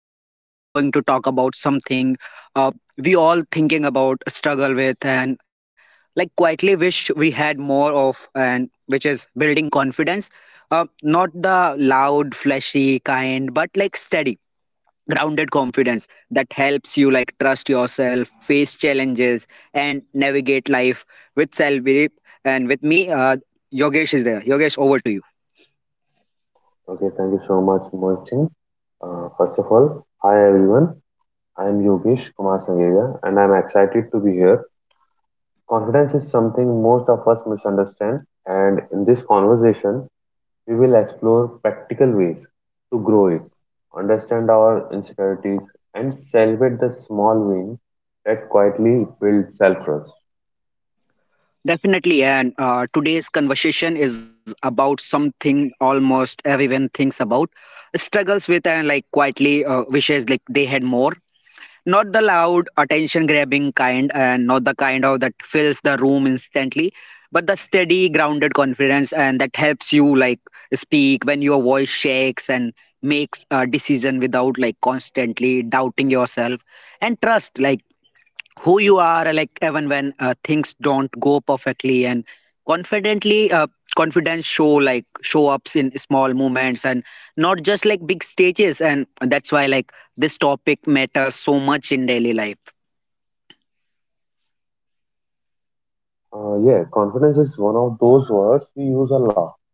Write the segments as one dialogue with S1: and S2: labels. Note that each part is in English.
S1: and today we are going to talk about something uh, we all thinking about, struggle with, and like quietly wish we had more of, and which is building confidence. Not the loud, flashy kind, but like steady grounded confidence that helps you like trust yourself face challenges and navigate life with self belief and with me yogesh is there, yogesh, over to you.
S2: Okay, thank you so much, Mohit Singh. First of all, hi everyone. I am Yogesh Kumar Sangeya and I am excited to be here. Confidence is something most of us misunderstand, and in this conversation, we will explore practical ways to grow it, understand our insecurities, and celebrate the small wins that quietly build self trust.
S1: Definitely, and today's conversation is about something almost everyone thinks about, struggles with and like quietly wishes like they had more. Not the loud, attention-grabbing kind, and not the kind of that fills the room instantly, but the steady, grounded confidence and that helps you like speak when your voice shakes and makes a decision without like constantly doubting yourself and trust like who you are like even when things don't go perfectly and confidently confidence show like show ups in small moments and not just like big stages, and that's why like this topic matters so much in daily life.
S2: Yeah, confidence is one of those words we use a lot,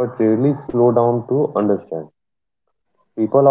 S2: but rarely slow down to understand. People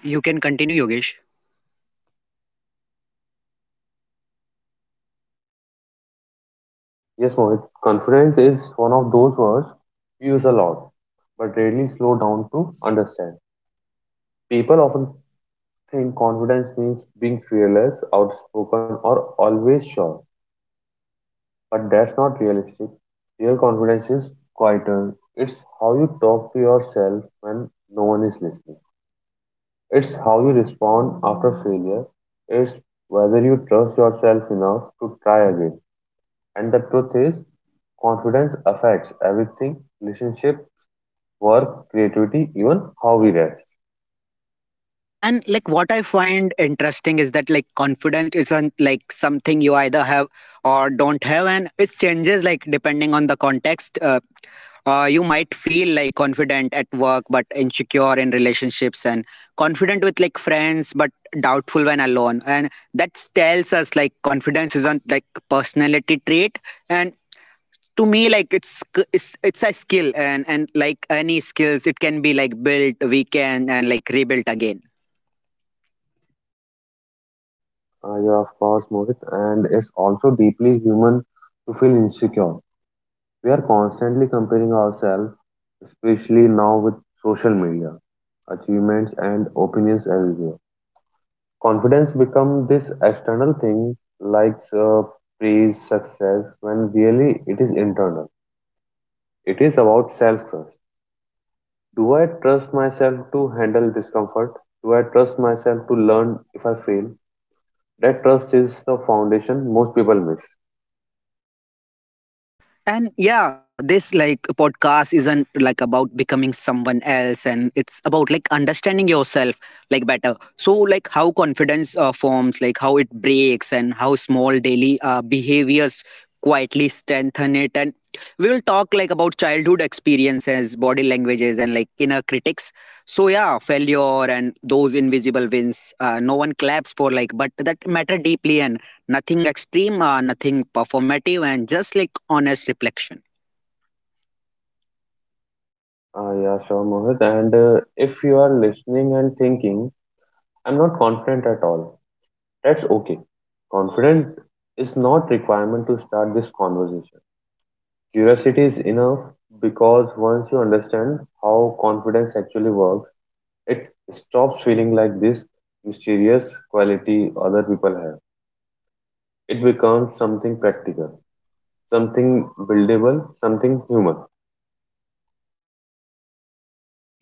S1: You can continue, yogesh.
S2: Yes, Mohit, confidence is one of those words we use a lot, but rarely slow down to understand. People often think confidence means being fearless, outspoken, or always sure, but that's not realistic. Real confidence is quieter. It's how you talk to yourself when no one is listening. It's how you respond after failure. It's whether you trust yourself enough to try again. And the truth is, confidence affects everything relationship work, creativity, even how we rest.
S1: And like what I find interesting is that like confidence isn't like something you either have or don't have, and it changes like depending on the context. You might feel like confident at work, but insecure in relationships, and confident with like friends, but doubtful when alone. And that tells us like confidence isn't like personality trait, and to me like it's a skill and like any skills it can be like built weakened and like rebuilt again.
S2: Yeah, of course, Mohit, and it's also deeply human to feel insecure. We are constantly comparing ourselves, especially now with social media, achievements, and opinions everywhere. Confidence becomes this external thing like praise, success, when really it is internal. It is about self trust. Do I trust myself to handle discomfort? Do I trust myself to learn if I fail? That trust is the foundation most people miss.
S1: And yeah, this like podcast isn't like about becoming someone else and it's about like understanding yourself like better. So like how confidence forms, like how it breaks and how small daily behaviors quietly strengthen it and we will talk like about childhood experiences, body languages and like inner critics. So yeah, failure and those invisible wins no one claps for like but that matter deeply and nothing extreme, nothing performative, and just like honest reflection.
S2: Yeah, sure, Mohit. And if you are listening and thinking, I'm not confident at all, that's okay. Confident is not requirement to start this conversation. Curiosity is enough because once you understand how confidence actually works, it stops feeling like this mysterious quality other people have. It becomes something practical, something buildable, something human.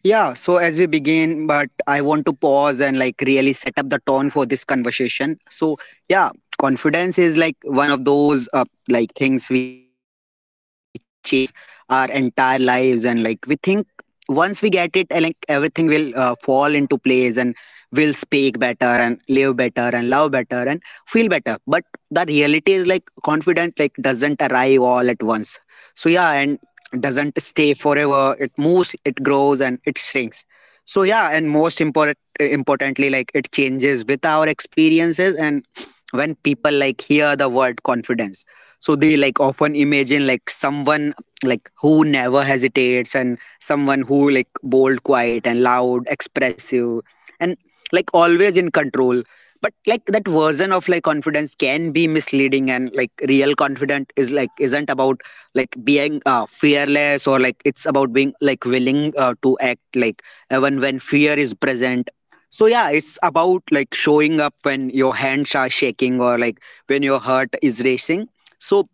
S1: Yeah, so as we begin, but I want to pause and like really set up the tone for this conversation. So, yeah, confidence is like one of those like things we chase our entire lives, and like we think once we get it, and like everything will fall into place, and we'll speak better, and live better, and love better, and feel better. But the reality is like confidence like doesn't arrive all at once. So yeah, and doesn't stay forever, it moves, it grows and it shrinks. So yeah, and most importantly like it changes with our experiences and when people like hear the word confidence so they like often imagine like someone like who never hesitates and someone who like bold quiet and loud expressive and like always in control, but like that version of like confidence can be misleading and like real confident is like isn't about like being fearless or like it's about being like willing to act like even when fear is present. So yeah, it's about like showing up when your hands are shaking or like when your heart is racing, so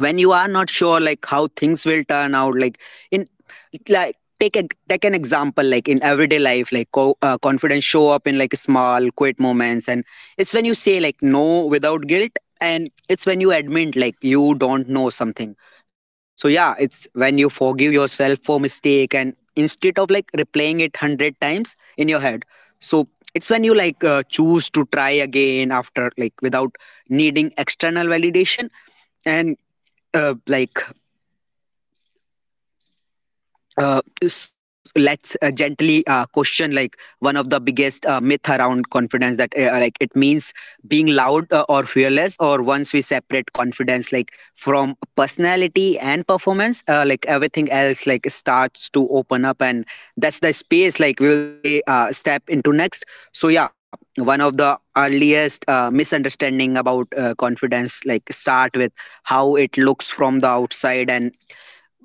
S1: when you are not sure like how things will turn out like in like take an example like in everyday life like confidence show up in like small quiet moments and it's when you say like no without guilt and it's when you admit like you don't know something. So yeah, it's when you forgive yourself for mistake and instead of like replaying it 100 times in your head, so it's when you like choose to try again after like without needing external validation and like let's gently question like one of the biggest myth around confidence that like it means being loud or fearless or once we separate confidence like from personality and performance like everything else like starts to open up and that's the space like we will stay step into next. So yeah, one of the earliest misunderstanding about confidence like start with how it looks from the outside and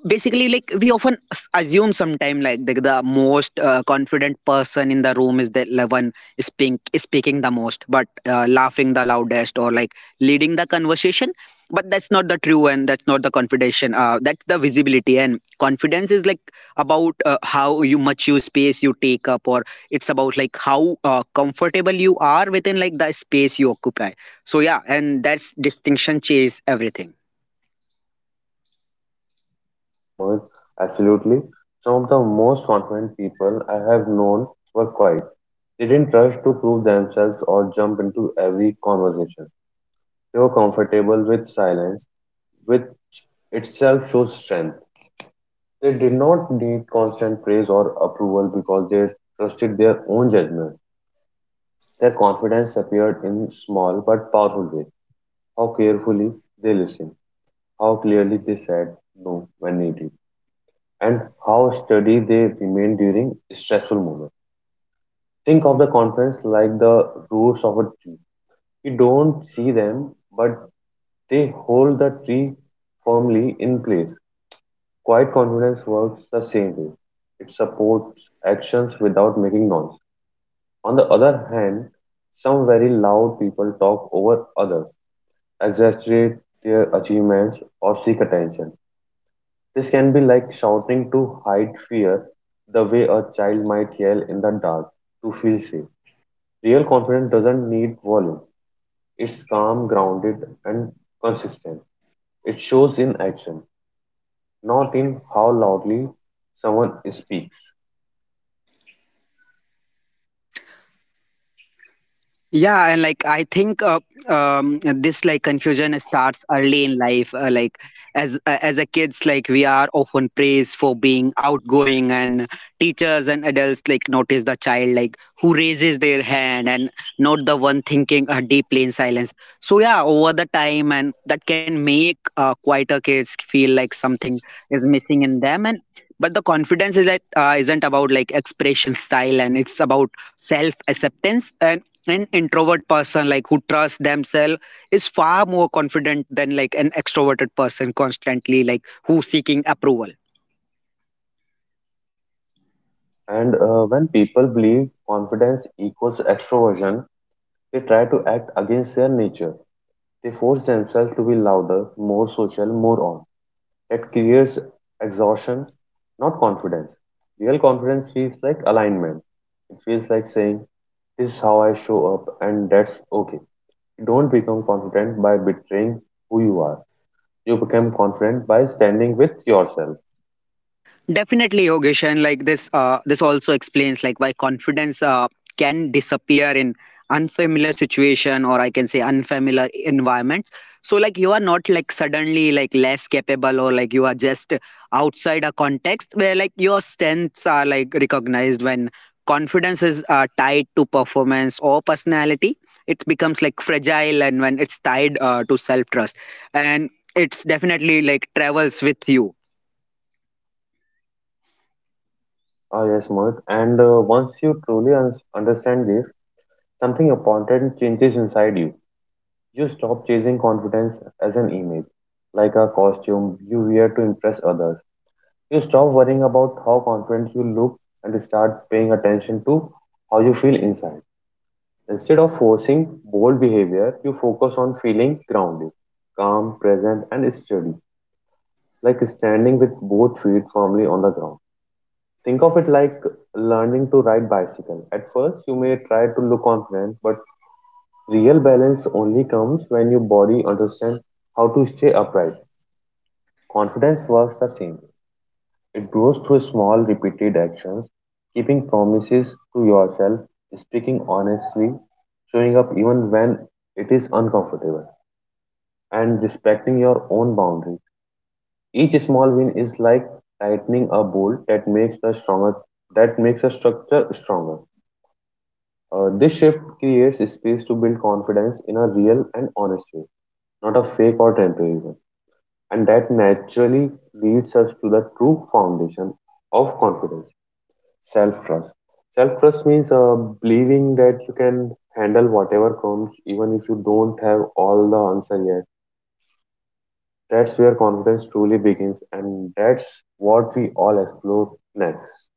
S1: basically like we often assume sometime like the most confident person in the room is one speaking the most but laughing the loudest or like leading the conversation, but that's not the true and that's not the confidation, that's the visibility and confidence is like about how you much you space you take up or it's about like how comfortable you are within like the space you occupy. So yeah, and that's distinction changes everything.
S2: Yes, Mohit, absolutely. Some of the most confident people I have known were quiet. They didn't rush to prove themselves or jump into every conversation. They were comfortable with silence, which itself shows strength. They did not need constant praise or approval because they trusted their own judgment. Their confidence appeared in small but powerful ways. How carefully they listened, how clearly they said no when needed, and how steady they remained during stressful moments. Think of the conference like the roots of a tree. You don't see them, but they hold the tree firmly in place. Quiet confidence works the same way. It supports actions without making noise. On the other hand, some very loud people talk over others, exaggerate their achievements, or seek attention. This can be like shouting to hide fear, the way a child might yell in the dark to feel safe. Real confidence doesn't need volume. It's calm, grounded, and consistent. It shows in action, not in how loudly someone speaks.
S1: Yeah, and like I think this like confusion starts early in life like as a kids like we are often praised for being outgoing and teachers and adults like notice the child like who raises their hand and not the one thinking deeply in silence. So yeah, over the time and that can make quieter kids feel like something is missing in them and but the confidence is that isn't about like expression style and it's about self acceptance. An introvert person like who trusts themselves is far more confident than like an extroverted person constantly like who seeking approval.
S2: And when people believe confidence equals extroversion, they try to act against their nature. They force themselves to be louder, more social, more on. That creates exhaustion, not confidence. Real confidence feels like alignment. It feels like saying, this is how I show up, and that's okay. You don't become confident by betraying who you are. You become confident by standing with yourself.
S1: Definitely, Yogesh, like this, this also explains like why confidence can disappear in unfamiliar situation or I can say unfamiliar environments. So like you are not like suddenly like less capable or like you are just outside a context where like your strengths are like recognized when confidence is tied to performance or personality. It becomes like fragile and when it's tied to self trust, and it's definitely like travels with you.
S2: Ah, yes, Mohit. And once you truly understand this, something important changes inside you. You stop chasing confidence as an image, like a costume you wear to impress others. You stop worrying about how confident you look and start paying attention to how you feel inside. Instead of forcing bold behavior, you focus on feeling grounded, calm, present, and steady, like standing with both feet firmly on the ground. Think of it like learning to ride bicycle. At first, you may try to look confident, but real balance only comes when your body understands how to stay upright. Confidence works the same. It grows through small, repeated actions, keeping promises to yourself, speaking honestly, showing up even when it is uncomfortable, and respecting your own boundaries. Each small win is like tightening a bolt that makes the stronger that makes a structure stronger. This shift creates space to build confidence in a real and honest way, not a fake or temporary one. And that naturally leads us to the true foundation of confidence self trust. Self trust means believing that you can handle whatever comes, even if you don't have all the answer yet. That's where confidence truly begins, and that's what we all explore next.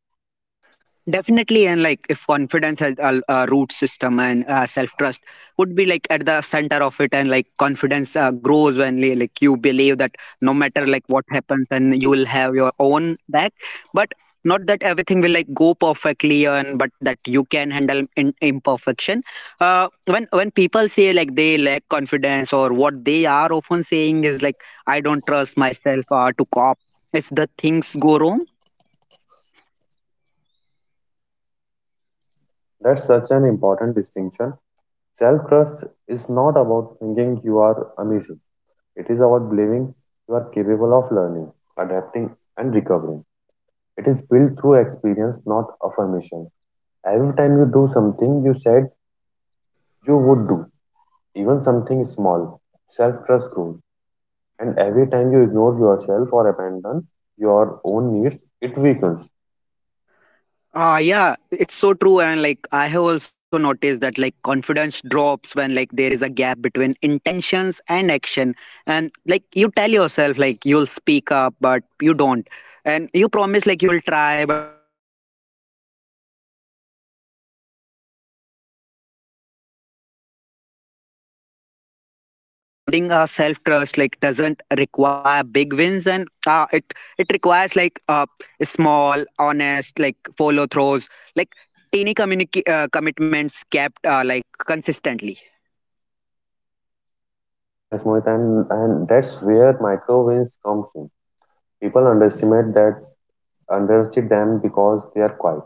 S1: Definitely, and like if confidence has a root system and self trust would be like at the center of it, and like confidence grows when like you believe that no matter like what happens, and you will have your own back. But not that everything will like go perfectly, and but that you can handle in, imperfection. When people say like they lack confidence, or what they are often saying is like I don't trust myself to cop if the things go wrong.
S2: That's such an important distinction. Self trust is not about thinking you are amazing. It is about believing you are capable of learning, adapting, and recovering. It is built through experience, not affirmation. Every time you do something you said you would do, even something small, self trust grows. And every time you ignore yourself or abandon your own needs, it weakens.
S1: Ah, yeah, it's so true. And like, I have also noticed that like confidence drops when like there is a gap between intentions and action. And like, you tell yourself like you'll speak up, but you don't. And you promise like you'll try, but you avoid over time. Like, you over the time, like, you mind like doubting like your words. And but the good news is like rebuilding our self trust like doesn't require big wins, and it requires like small honest like follow throws, like tiny commitments kept like consistently.
S2: Yes, Mohit, and that's where micro wins comes in. People underestimate that underestimate them because they are quiet.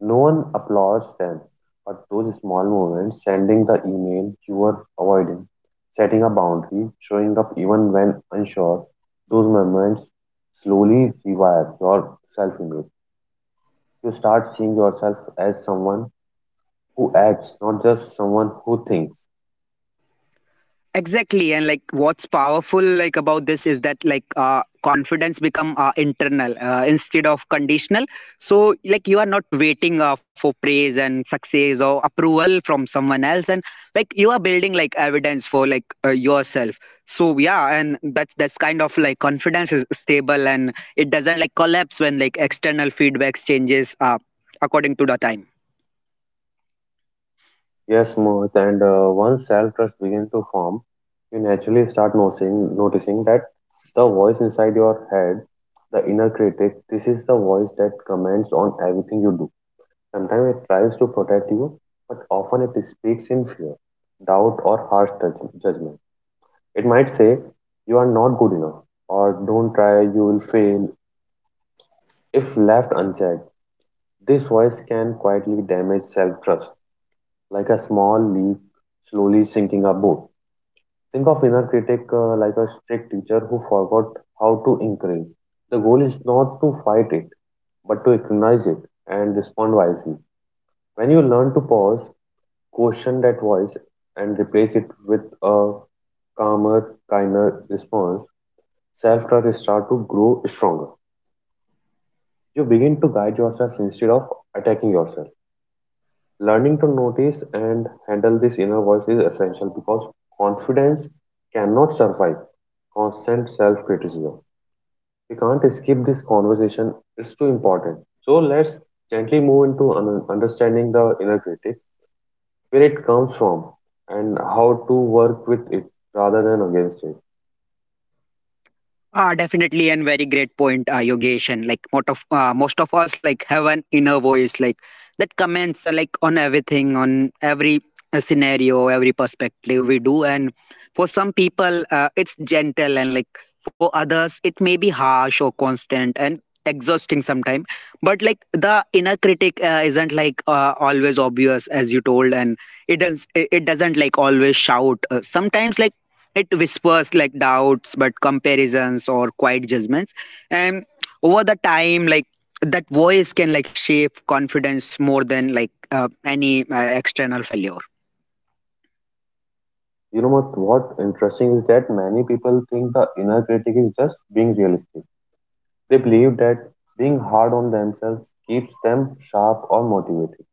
S2: No one applauds them, but those small moments, sending the email you were avoiding, setting a boundary, showing up even when unsure, those moments slowly rewire your self image. You start seeing yourself as someone who acts, not just someone who thinks.
S1: Exactly, and like what's powerful like about this is that like confidence become internal instead of conditional. So like you are not waiting for praise and success or approval from someone else and like you are building like evidence for like yourself. So yeah, and that's kind of like confidence is stable and it doesn't like collapse when like external feedback changes according to the time.
S2: Yes, Mohit, and once self trust begins to form, you naturally start noticing that the voice inside your head, the inner critic, this is the voice that comments on everything you do. Sometimes it tries to protect you, but often it speaks in fear, doubt, or harsh judgment. It might say, you are not good enough, or don't try, you will fail. If left unchecked, this voice can quietly damage self trust, like a small leak slowly sinking a boat. Think of inner critic like a strict teacher who forgot how to encourage. The goal is not to fight it, but to recognize it and respond wisely. When you learn to pause, question that voice and replace it with a calmer, kinder response, self trust start to grow stronger. You begin to guide yourself instead of attacking yourself. Learning to notice and handle this inner voice is essential because confidence cannot survive constant self criticism. We can't skip this conversation, it's too important. So let's gently move into understanding the inner critic where it comes from and how to work with it rather than against it.
S1: Ah, definitely, and very great point, Yogesh. And like most of us, like have an inner voice, like that comments like on everything, on every scenario, every perspective we do. And for some people, it's gentle, and like for others, it may be harsh or constant and exhausting sometimes. But like the inner critic isn't like always obvious, as you told, and it doesn't like always shout. Sometimes like it whispers like doubts, but comparisons or quiet judgments. And over the time, like that voice can like shape confidence more than like any external failure.
S2: You know what? What interesting is that many people think the inner critic is just being realistic. They believe that being hard on themselves keeps them sharp or motivated.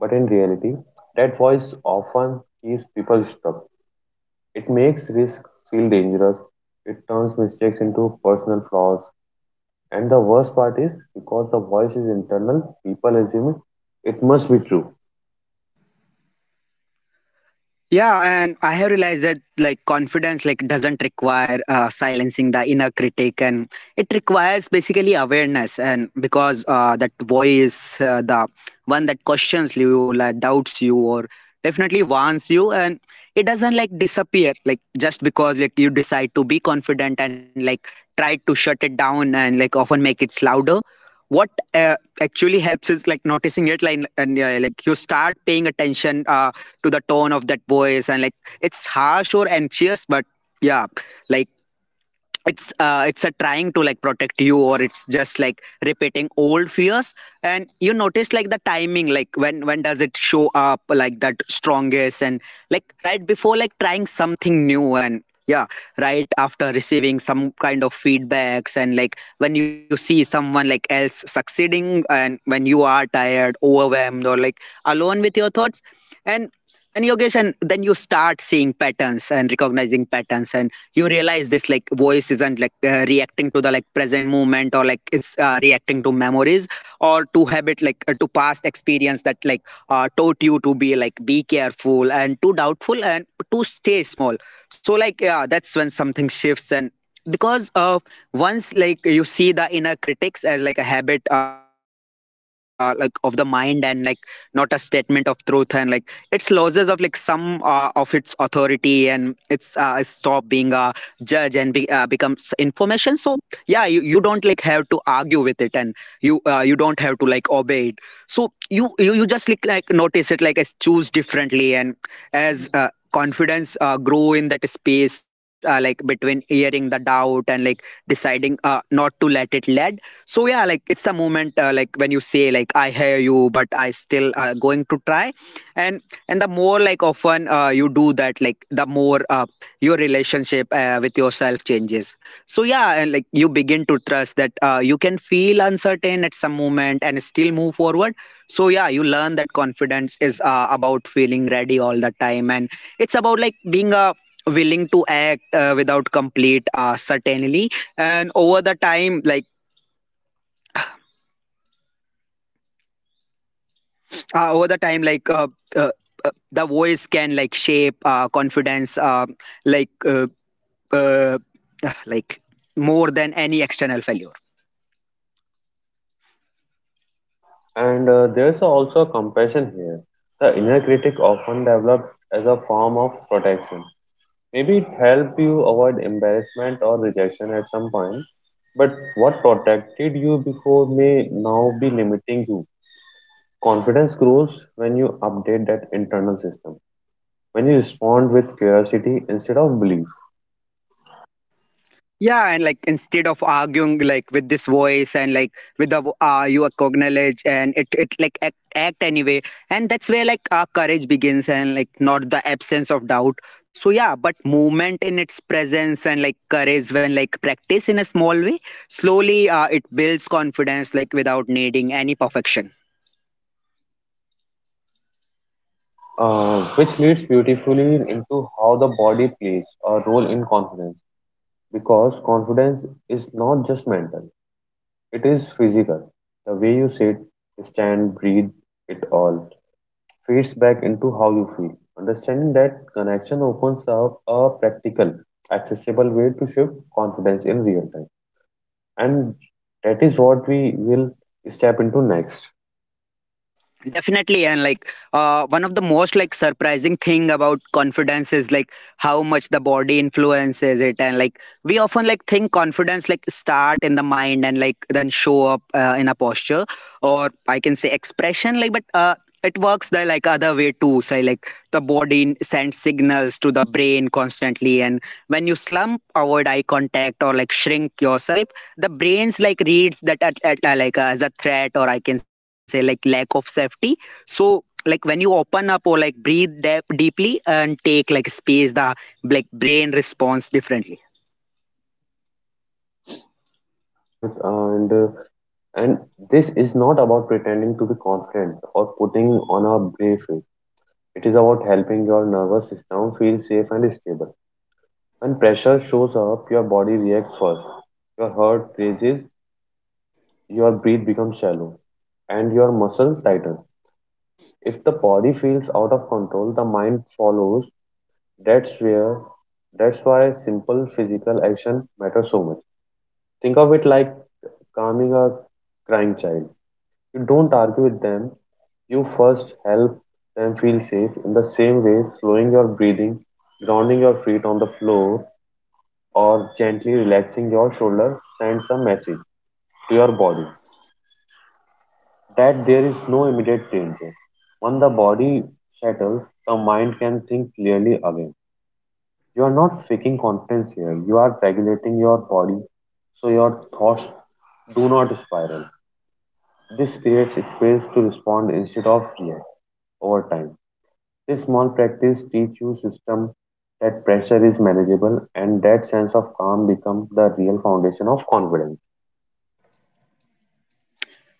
S2: But in reality, that voice often keeps people stuck. It makes risk feel dangerous. It turns mistakes into personal flaws. And the worst part is because the voice is internal, people assume it must be true.
S1: Yeah, and I have realized that like confidence like doesn't require silencing the inner critic, and it requires basically awareness. And because that voice, the one that questions you, like doubts you, or definitely warns you, and it doesn't like disappear like just because like you decide to be confident and like try to shut it down and like often make it louder. What uh, actually helps is like noticing it, like and like you start paying attention. To the tone of that voice, and like it's harsh or anxious, but yeah, like it's a trying to like protect you, or it's just like repeating old fears. And you notice like the timing, like when does it show up like that strongest, and like right before like trying something new, and yeah, right after receiving some kind of feedbacks, and like when you see someone like else succeeding, and when you are tired, overwhelmed, or like alone with your thoughts. And and Yogesh, and then you start seeing patterns and recognizing patterns, and you realize this like voice isn't like reacting to the like present moment, or like it's reacting to memories or to habit, like to past experience that like taught you to be like be careful and too doubtful and to stay small. So like yeah, that's when something shifts. And because once like you see the inner critics as like a habit like of the mind, and like not a statement of truth, and like its losses of like some of its authority, and it's stop being a judge and becomes information. So yeah, you don't like have to argue with it, and you don't have to like obey it. So you just like notice it like as choose differently, and as confidence grow in that space like between hearing the doubt and like deciding not to let it lead. So yeah, like it's a moment like when you say like I hear you, but I still going to try. And And the more like often you do that, like the more your relationship with yourself changes. So yeah, and like you begin to trust that you can feel uncertain at some moment and still move forward. So yeah, you learn that confidence is about feeling ready all the time, and it's about like being a willing to act without complete certainty. And over the time like over the time like uh, the voice can like shape confidence, like uh, uh, like more than any external failure.
S2: And there's also compassion here. The inner critic often develops as a form of protection. Maybe it helped you avoid embarrassment or rejection at some point, but what protected you before may now be limiting you. Confidence grows when you update that internal system, when you respond with curiosity instead of belief,
S1: Yeah, and like instead of arguing like with this voice, and like with the you acknowledge, and it like act anyway. And that's where like our courage begins, and like not the absence of doubt, so yeah, but movement in its presence. And like courage when like practice in a small way, slowly it builds confidence like without needing any perfection.
S2: which leads beautifully into how the body plays a role in confidence. Because confidence is not just mental. It is physical. The way you sit, stand, breathe, it all feeds back into how you feel. Understanding that connection opens up a practical, accessible way to shift confidence in real time. And that is what we will step into next.
S1: Definitely, and like one of the most like surprising thing about confidence is like how much the body influences it. And like we often like think confidence like start in the mind and like then show up in a posture or I can say expression, like but it works the like other way too. So like the body sends signals to the brain constantly, and when you slump, avoid eye contact, or like shrink yourself, the brain's like reads that at, like as a threat, or I can say like lack of safety. So like when you open up or like breathe deep, deeply and take like space, the like brain responds differently.
S2: Yes, Mohit, and this is not about pretending to be confident or putting on a brave face. It is about helping your nervous system feel safe and stable. When pressure shows up, your body reacts first. Your heart races, your breath becomes shallow, and your muscles tighten. If the body feels out of control, the mind follows. That's where that's why simple physical action matters so much. Think of it like calming a crying child. You don't argue with them, you first help them feel safe in the same way. Slowing your breathing, grounding your feet on the floor, or gently relaxing your shoulders sends a message to your body that there is no immediate danger. When the body settles, the mind can think clearly again. You are not faking confidence here, you are regulating your body so your thoughts do not spiral. This creates space to respond instead of react over time. This small practice teaches you system that pressure is manageable and that sense of calm becomes the real foundation of confidence.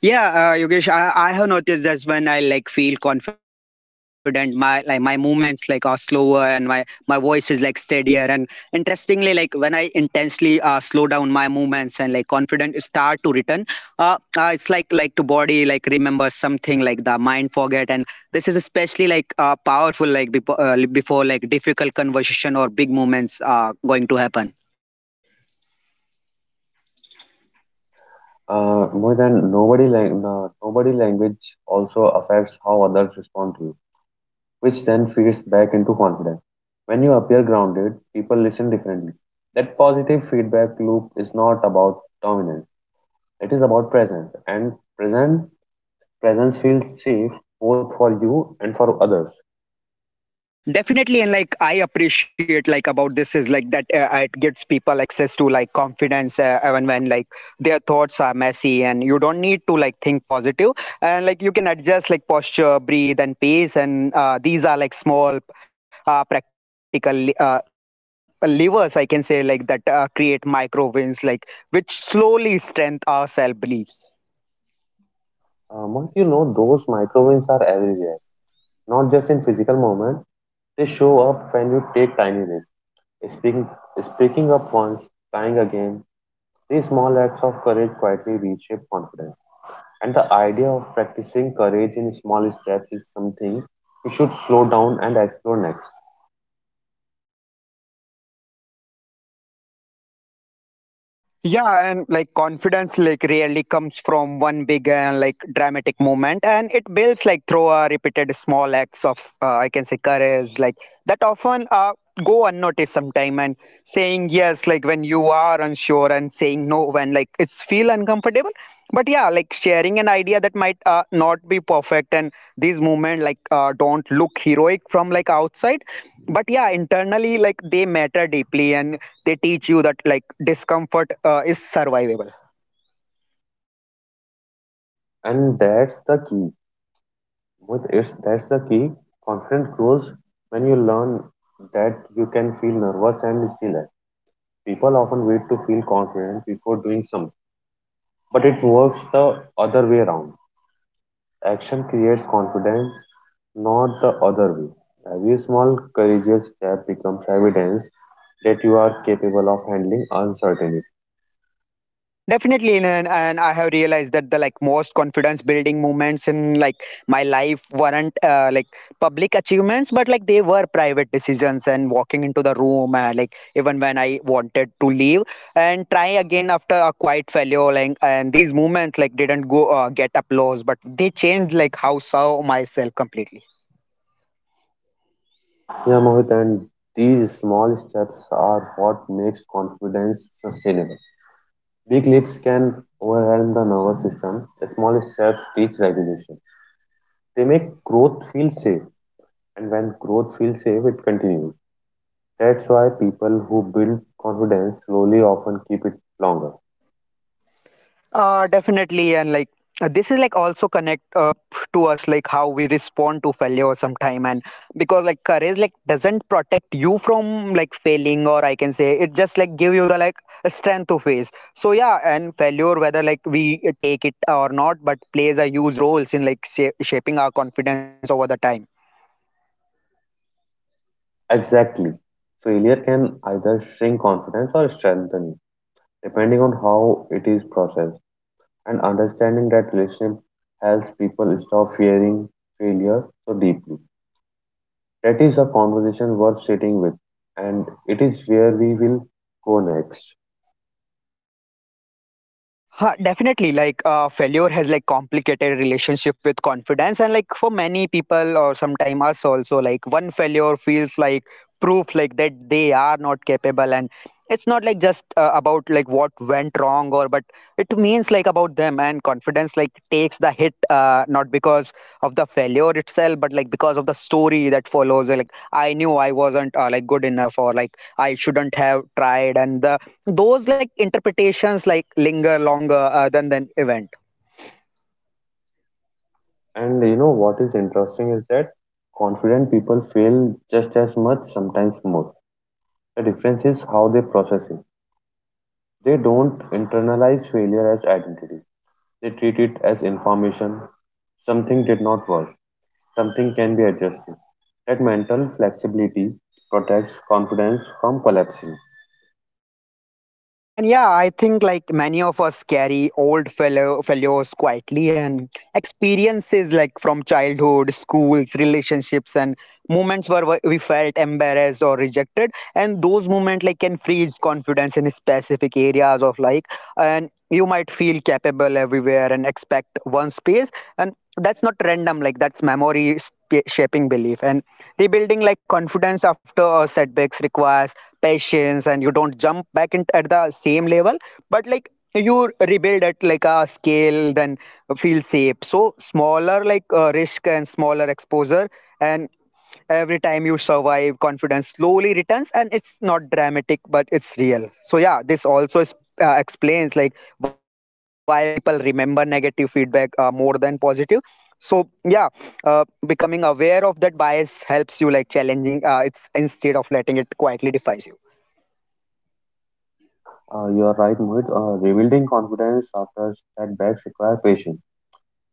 S1: Yeah, Yogesh, I have noticed that when I like feel confident, my like my movements like are slower, and my voice is like steadier. And interestingly, like when I intensely slow down my movements and like confident start to return, it's like to body like remember something like the mind forget. And this is especially like powerful like before like difficult conversation or big moments are going to happen.
S2: More than nobody lang- no- nobody language also affects how others respond to you, which then feeds back into confidence. When you appear grounded, people listen differently. That positive feedback loop is not about dominance; it is about presence, and present presence feels safe both for you and for others.
S1: Definitely, and like I appreciate like about this is like that it gives people access to like confidence even when like their thoughts are messy, and you don't need to like think positive. And like you can adjust like posture, breathe, and pace, and these are like small practical levers I can say, like that create micro wins like which slowly strengthen our self beliefs.
S2: Monk, you know those micro wins are everywhere, not just in physical movement. They show up when you take tiny risks, speaking speaking up once, trying again. These small acts of courage quietly reshape confidence. And the idea of practicing courage in small steps is something we should slow down and explore next.
S1: Yeah, and like confidence like really comes from one big and like dramatic moment, and it builds like through a repeated small acts of I can say courage, like that often go unnoticed sometime. And saying yes, like when you are unsure, and saying no when like it's feel uncomfortable. But yeah, like sharing an idea that might not be perfect, and these movement like don't look heroic from like outside, but yeah, internally like they matter deeply, and they teach you that like discomfort is survivable.
S2: And that's the key. With it, that's the key. Confidence grows when you learn that you can feel nervous and still act. People often wait to feel confident before doing something, but it works the other way around. Action creates confidence, not the other way. Every small, courageous step becomes evidence that you are capable of handling uncertainty.
S1: Definitely, and I have realized that the like most confidence building moments in like my life weren't like public achievements, but like they were private decisions, and walking into the room like even when I wanted to leave, and try again after a quiet failure, like. And these moments like didn't go get applause, but they changed like how saw myself completely.
S2: Yeah, Mohit, and these small steps are what makes confidence sustainable. Big leaps can overwhelm the nervous system. The small steps teach regulation. They make growth feel safe, and when growth feels safe, it continues. That's why people who build confidence slowly often keep it longer.
S1: Definitely, and like this is like also connect up to us like how we respond to failure sometime. And because like courage like doesn't protect you from like failing, or I can say it just like give you the like strength to face. So yeah, and failure, whether like we take it or not, but plays a huge roles in like shaping our confidence over the time.
S2: Exactly. Failure can either shrink confidence or strengthen it, depending on how it is processed. And understanding that relationship helps people stop fearing failure so deeply. That is a conversation worth sitting with, and it is where we will go next.
S1: Huh, definitely, like failure has like complicated relationship with confidence, and like for many people, or sometime us also, like one failure feels like proof like that they are not capable. And it's not like just about like what went wrong, or but it means like about them. And confidence like takes the hit not because of the failure itself, but like because of the story that follows, like I knew I wasn't like good enough, or like I shouldn't have tried. And the those like interpretations like linger longer than the event.
S2: And You know what is interesting is that confident people fail just as much, sometimes more. The difference is how they process it. They don't internalize failure as identity. They treat it as information. Something did not work. Something can be adjusted. That mental flexibility protects confidence from collapsing.
S1: And yeah, I think like many of us carry old fellows quietly, and experiences like from childhood, schools, relationships, and moments where we felt embarrassed or rejected. And those moments like can freeze confidence in specific areas of like, and you might feel capable everywhere and expect one space. And that's not random, like that's memory shaping belief. And rebuilding like confidence after setbacks requires patience, and you don't jump back in at the same level, but like you rebuild at like a scale then feel safe. So smaller like risk and smaller exposure, and every time you survive, confidence slowly returns, and it's not dramatic, but it's real. So yeah, this also explains like why people remember negative feedback more than positive. So yeah, becoming aware of that bias helps you like challenging it's instead of letting it quietly defies you.
S2: You are right, Mohit. Rebuilding confidence after setbacks require patience.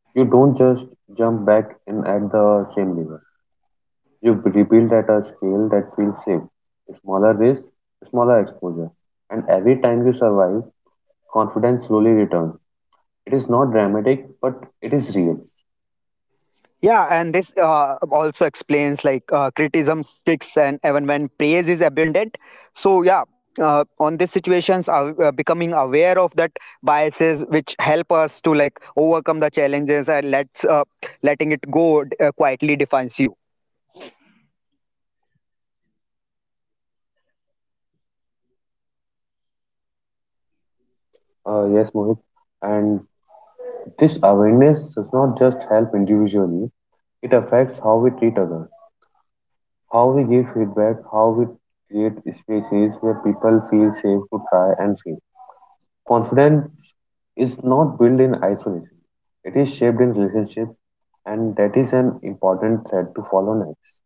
S2: You don't just jump back in at the same level. You rebuild at a scale that feels safe. Smaller risk, smaller exposure. And every time you survive, confidence slowly returns. It is not dramatic, but it is real.
S1: Yeah, and this also explains like criticism sticks and even when praise is abundant. So yeah, on these situations, becoming aware of that biases which help us to like overcome the challenges, and let's letting it go quietly defines you.
S2: Yes, Mohit. And this awareness does not just help individually, it affects how we treat others, how we give feedback, how we create spaces where people feel safe to try and fail. Confidence is not built in isolation, it is shaped in relationship, and that is an important thread to follow next.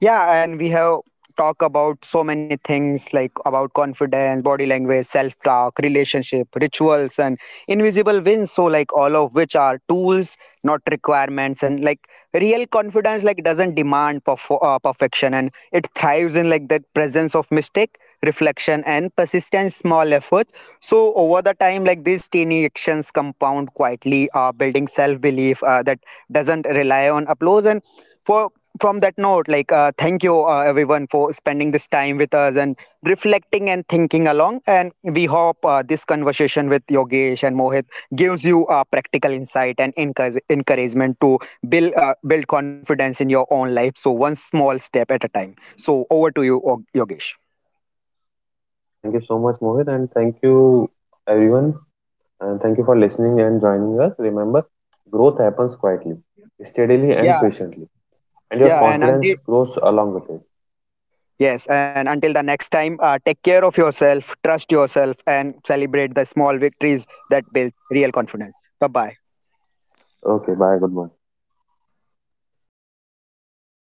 S1: Yeah, and we have talked about so many things like about confidence, body language, self-talk, relationship, rituals, and invisible wins. So like all of which are tools, not requirements. And like real confidence like doesn't demand perfection, and it thrives in like the presence of mistake, reflection, and persistent small efforts. So over the time, like these tiny actions compound quietly, building self-belief that doesn't rely on applause. And for from that note, like thank you everyone for spending this time with us and reflecting and thinking along, and we hope this conversation with Yogesh and Mohit gives you practical insight, and encouragement to build confidence in your own life, so one small step at a time. So over to you, Yogesh.
S2: Okay, thank you so much, Mohit, and thank you everyone, and thank you for listening and joining us. Remember, growth happens quietly, steadily, and
S1: Yeah.
S2: patiently, and your
S1: Yeah, and
S2: confidence
S1: until
S2: grows along with it.
S1: yes, and until the next time, take care of yourself, trust yourself, and celebrate the small victories that build real confidence. Bye bye.
S2: Okay, bye. Good morning.